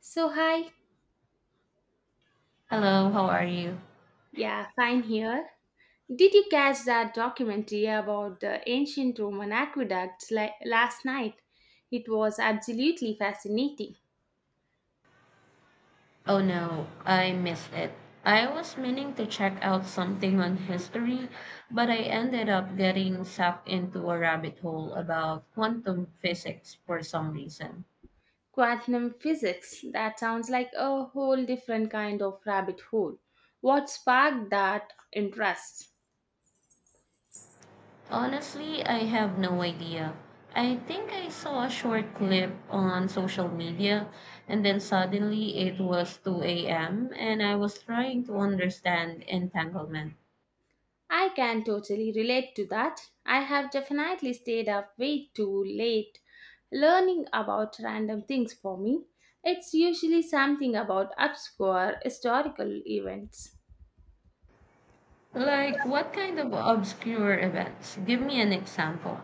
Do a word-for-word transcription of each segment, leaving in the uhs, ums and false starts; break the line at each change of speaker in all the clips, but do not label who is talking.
So, hi.
Hello, how are you?
Yeah, fine here. Did you catch that documentary about the ancient Roman aqueducts li- last night? It was absolutely fascinating.
Oh no, I missed it. I was meaning to check out something on history, but I ended up getting sucked into a rabbit hole about quantum physics for some reason.
Quantum physics, that sounds like a whole different kind of rabbit hole. What sparked that interest?
Honestly, I have no idea. I think I saw a short clip on social media, and then suddenly it was two a m, and I was trying to understand entanglement.
I can totally relate to that. I have definitely stayed up way too late learning about random things for me. It's usually something about obscure historical events.
Like, what kind of obscure events? Give me an example.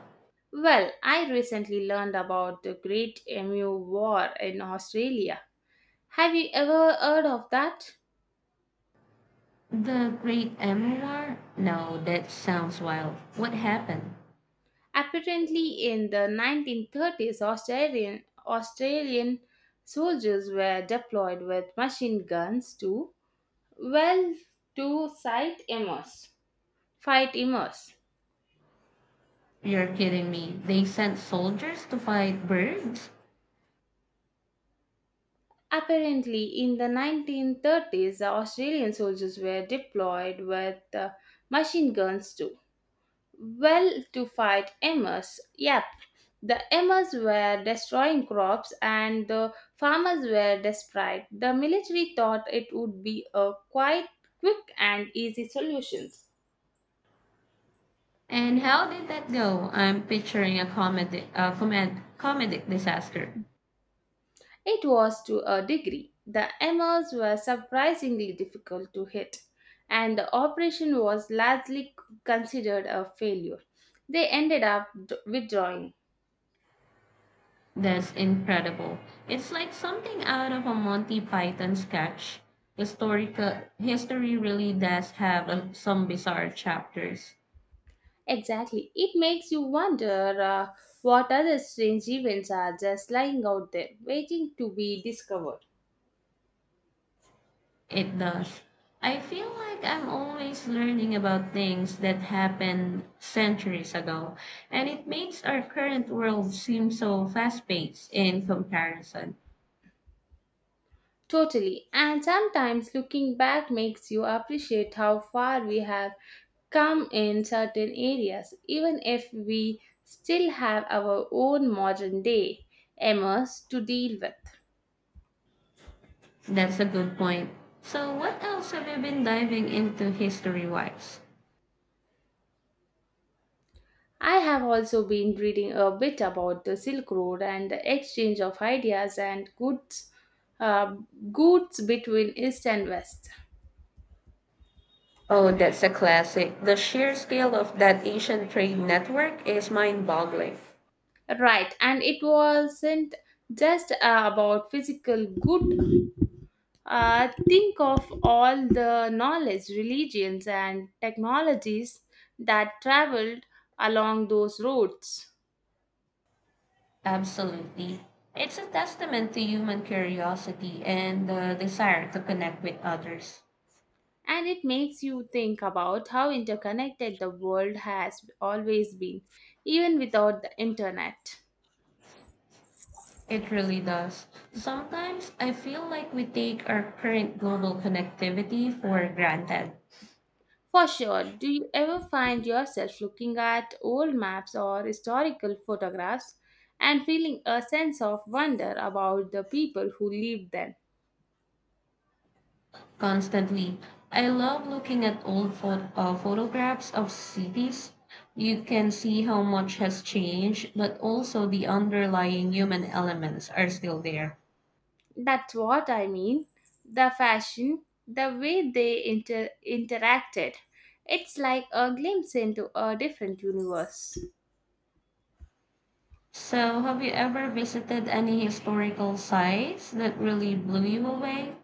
Well, I recently learned about the Great Emu War in Australia. Have you ever heard of that?
The Great Amoor? No, that sounds wild. What happened?
Apparently, in the nineteen thirties, Australian, Australian soldiers were deployed with machine guns to, well, to cite Amos. Fight Amos.
You're kidding me. They sent soldiers to fight birds?
Apparently, in the nineteen thirties, the Australian soldiers were deployed with uh, machine guns too. Well, to fight Amos. Yep, the Amos were destroying crops and the farmers were desperate. The military thought it would be a quite quick and easy solution.
And how did that go? I'm picturing a comedy, a comed- comedic disaster.
It was to a degree. The aimers were surprisingly difficult to hit, and the operation was largely considered a failure. They ended up d- withdrawing.
That's incredible. It's like something out of a Monty Python sketch. Historical history really does have uh, some bizarre chapters.
Exactly. It makes you wonder uh, what other strange events are just lying out there, waiting to be discovered.
It does. I feel like I'm always learning about things that happened centuries ago, and it makes our current world seem so fast paced in comparison.
Totally. And sometimes looking back makes you appreciate how far we have come in certain areas, even if we still have our own modern day M S to deal with.
That's a good point. So, what else have you been diving into history wise?
I have also been reading a bit about the Silk Road and the exchange of ideas and goods, uh, goods between East and West.
Oh, that's a classic. The sheer scale of that Asian trade network is mind boggling.
Right, and it wasn't just uh, about physical good. Uh, think of all the knowledge, religions, and technologies that traveled along those roads.
Absolutely. It's a testament to human curiosity and the desire to connect with others.
And it makes you think about how interconnected the world has always been, even without the internet.
It really does. Sometimes I feel like we take our current global connectivity for granted
For sure, do you ever find yourself looking at old maps or historical photographs and feeling a sense of wonder about the people who lived then?
constantly. I love looking at old pho- uh, photographs of cities. You can see how much has changed, but also the underlying human elements are still there.
That's what I mean. The fashion, the way they inter- interacted, it's like a glimpse into a different universe.
So, have you ever visited any historical sites that really blew you away?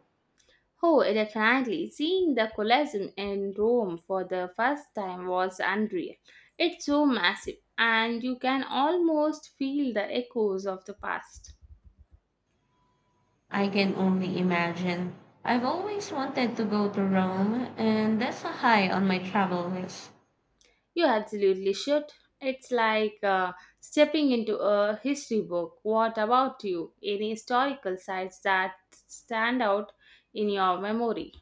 Oh, definitely. Seeing the Colosseum in Rome for the first time was unreal. It's so massive, and you can almost feel the echoes of the past.
I can only imagine. I've always wanted to go to Rome, and that's a high on my travel list.
You absolutely should. It's like, uh, stepping into a history book. What about you? Any historical sites that stand out in your memory?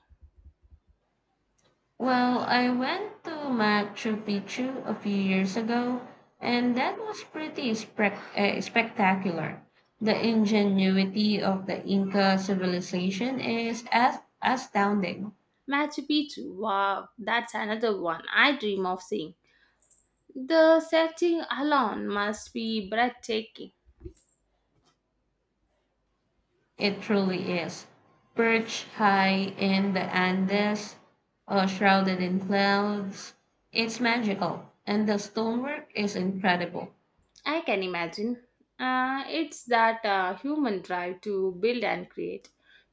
Well, I went to Machu Picchu a few years ago, and that was pretty spec- uh, spectacular. The ingenuity of the Inca civilization is as- astounding.
Machu Picchu, wow, that's another one I dream of seeing. The setting alone must be breathtaking.
It truly is. Perched high in the Andes, uh, shrouded in clouds, it's magical. And the stonework is incredible.
I can imagine. Uh, it's that uh, human drive to build and create,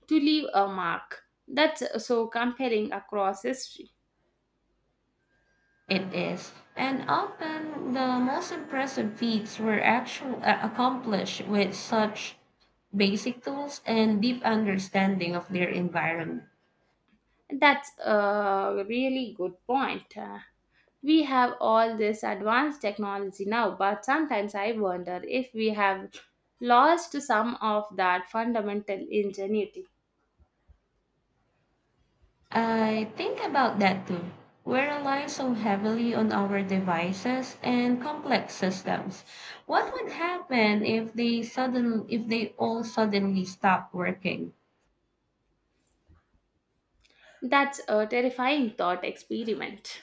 to leave a mark. That's so compelling across history.
It is. And often the most impressive feats were actually accomplished with such basic tools and deep understanding of their environment.
That's a really good point. Uh, we have all this advanced technology now, but sometimes I wonder if we have lost some of that fundamental ingenuity.
I think about that too. We rely so heavily on our devices and complex systems. What would happen if they sudden if they all suddenly stop working?
That's a terrifying thought experiment.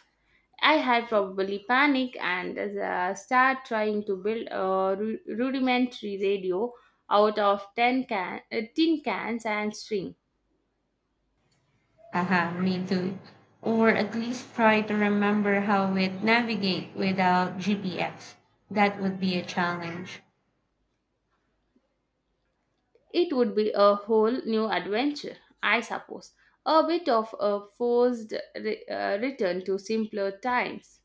I had probably panic and uh, start trying to build a ru- rudimentary radio out of ten can- uh, tin cans and string.
Aha, me too. Or at least try to remember how it navigate without G P S. That would be a challenge.
It would be a whole new adventure, I suppose. A bit of a forced re- uh, return to simpler times.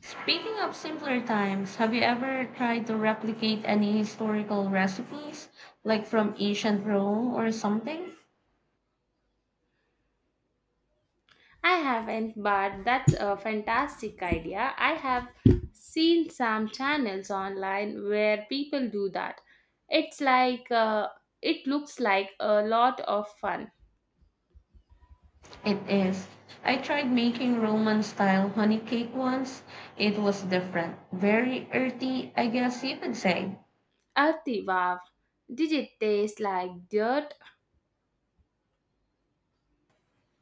Speaking of simpler times, have you ever tried to replicate any historical recipes, like from ancient Rome or something?
I haven't, but that's a fantastic idea. I have seen some channels online where people do that. It's like, uh, it looks like a lot of fun.
It is. I tried making Roman style honey cake once. It was different. Very earthy, I guess you could say.
Arti, wow. Did it taste like dirt?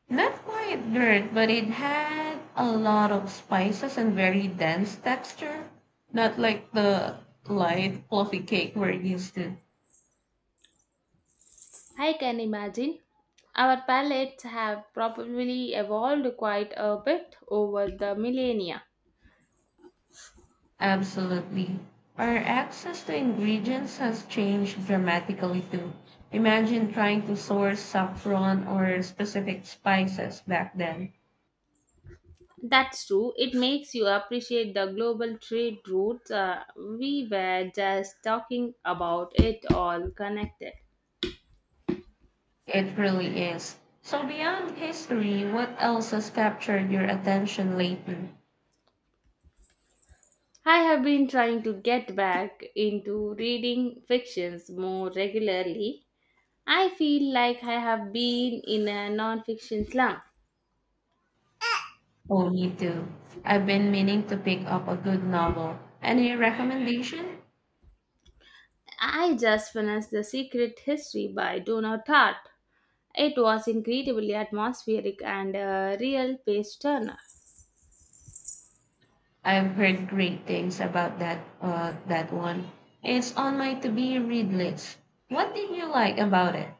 Not quite dirt, but it had a lot of spices and very dense texture. Not like the light, fluffy cake we're used to.
I can imagine. Our palates have probably evolved quite a bit over the millennia.
Absolutely. Our access to ingredients has changed dramatically too. Imagine trying to source saffron or specific spices back then.
That's true. It makes you appreciate the global trade routes. Uh, we were just talking about it, all connected.
It really is. So, beyond history, what else has captured your attention lately?
I have been trying to get back into reading fictions more regularly. I feel like I have been in a non-fiction slump.
Oh, me too. I've been meaning to pick up a good novel. Any recommendation?
I just finished The Secret History by Donna Tartt. It was incredibly atmospheric and a real page turner.
I've heard great things about that uh, that one. It's on my to be read list. What did you like about it?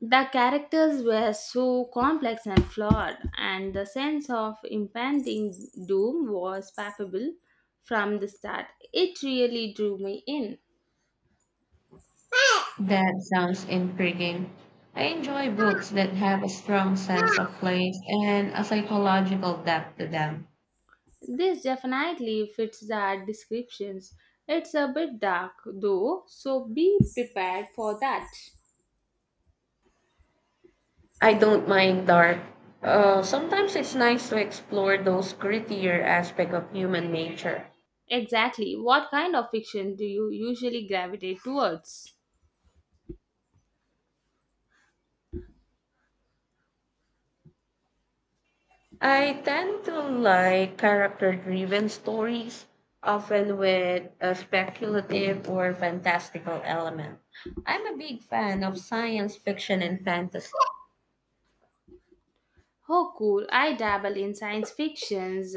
The characters were so complex and flawed, and the sense of impending doom was palpable from the start. It really drew me in.
That sounds intriguing. I enjoy books that have a strong sense of place and a psychological depth to them.
This definitely fits the descriptions. It's a bit dark though, so be prepared for that.
I don't mind dark. Uh, sometimes it's nice to explore those grittier aspects of human nature.
Exactly. What kind of fiction do you usually gravitate towards?
I tend to like character driven stories, often with a speculative or fantastical element. I'm a big fan of science fiction and fantasy.
Oh, cool. I dabble in science fictions,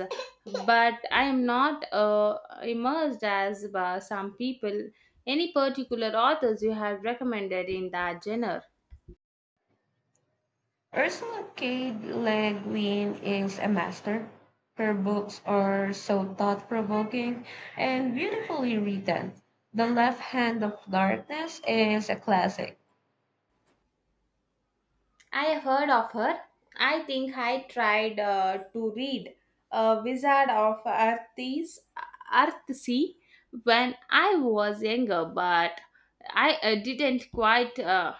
but I am not uh, immersed as uh, some people. Any particular authors you have recommended in that genre?
Ursula K. Le Guin is a master. Her books are so thought provoking and beautifully written. The Left Hand of Darkness is a classic.
I have heard of her. I think I tried uh, to read uh, Wizard of Earthies. Earthsea when I was younger, but I uh, didn't quite uh,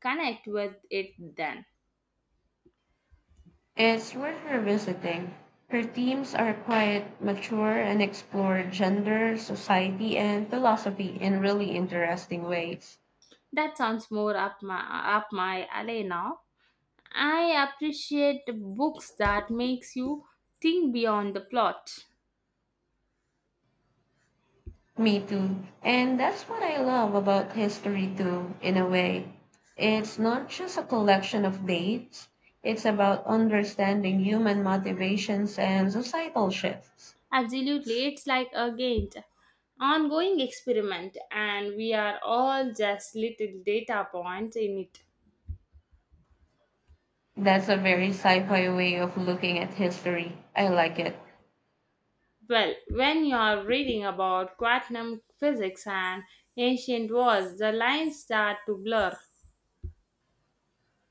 connect with it then.
It's worth revisiting. Her themes are quite mature and explore gender, society, and philosophy in really interesting ways.
That sounds more up my up my alley now. I appreciate books that makes you think beyond the plot.
Me too. And that's what I love about history too, in a way. It's not just a collection of dates, it's about understanding human motivations and societal shifts.
Absolutely, it's like a game, ongoing experiment, and we are all just little data points in it.
That's a very sci-fi way of looking at history. I like it.
Well, when you are reading about quantum physics and ancient wars, the lines start to blur.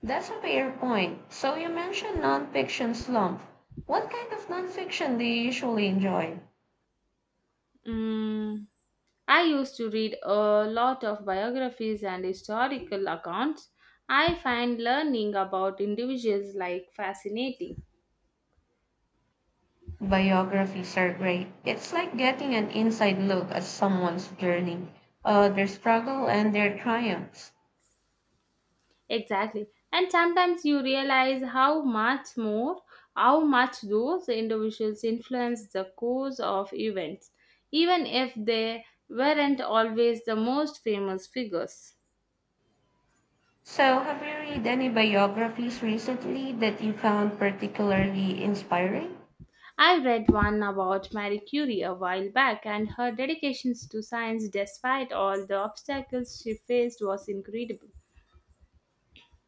That's a fair point. So you mentioned nonfiction slump. What kind of nonfiction do you usually enjoy?
Mm, I used to read a lot of biographies and historical accounts. I find learning about individuals like fascinating.
Biographies are great. It's like getting an inside look at someone's journey, uh, their struggle, and their triumphs.
Exactly. And sometimes you realize how much more, how much those individuals influence the course of events, even if they weren't always the most famous figures.
So, have you read any biographies recently that you found particularly inspiring?
I read one about Marie Curie a while back, and her dedications to science, despite all the obstacles she faced, was incredible.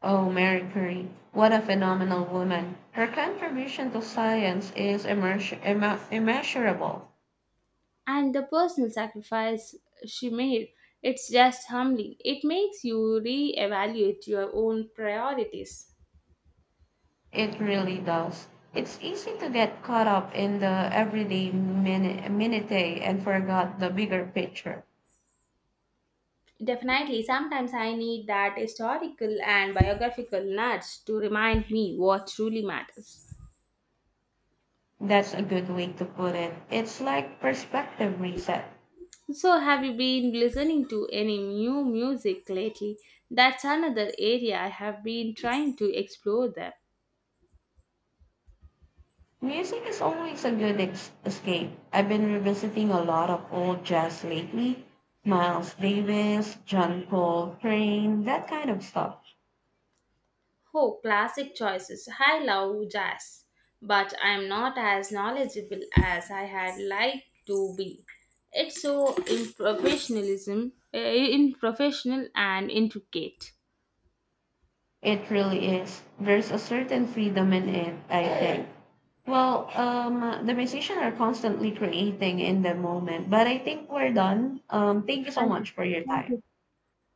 Oh, Mary Curie, what a phenomenal woman. Her contribution to science is immerse- imma- immeasurable.
And the personal sacrifice she made, it's just humbling. It makes you reevaluate your own priorities.
It really does. It's easy to get caught up in the everyday minute, minute and forgot the bigger picture.
Definitely, sometimes I need that historical and biographical nuts to remind me what truly matters.
That's a good way to put it. It's like perspective reset.
So, have you been listening to any new music lately? That's another area I have been trying to explore them.
Music is always a good ex- escape. I've been revisiting a lot of old jazz lately. Miles Davis, John Coltrane, that kind of stuff.
Oh, classic choices. I love jazz, but I'm not as knowledgeable as I had liked to be. It's so improfessionalism, uh, in professional and intricate.
It really is. There's a certain freedom in it, I think. Well, um, the musicians are constantly creating in the moment, but I think we're done. Um, thank you so
Thank you.
much for your
Thank you.
time.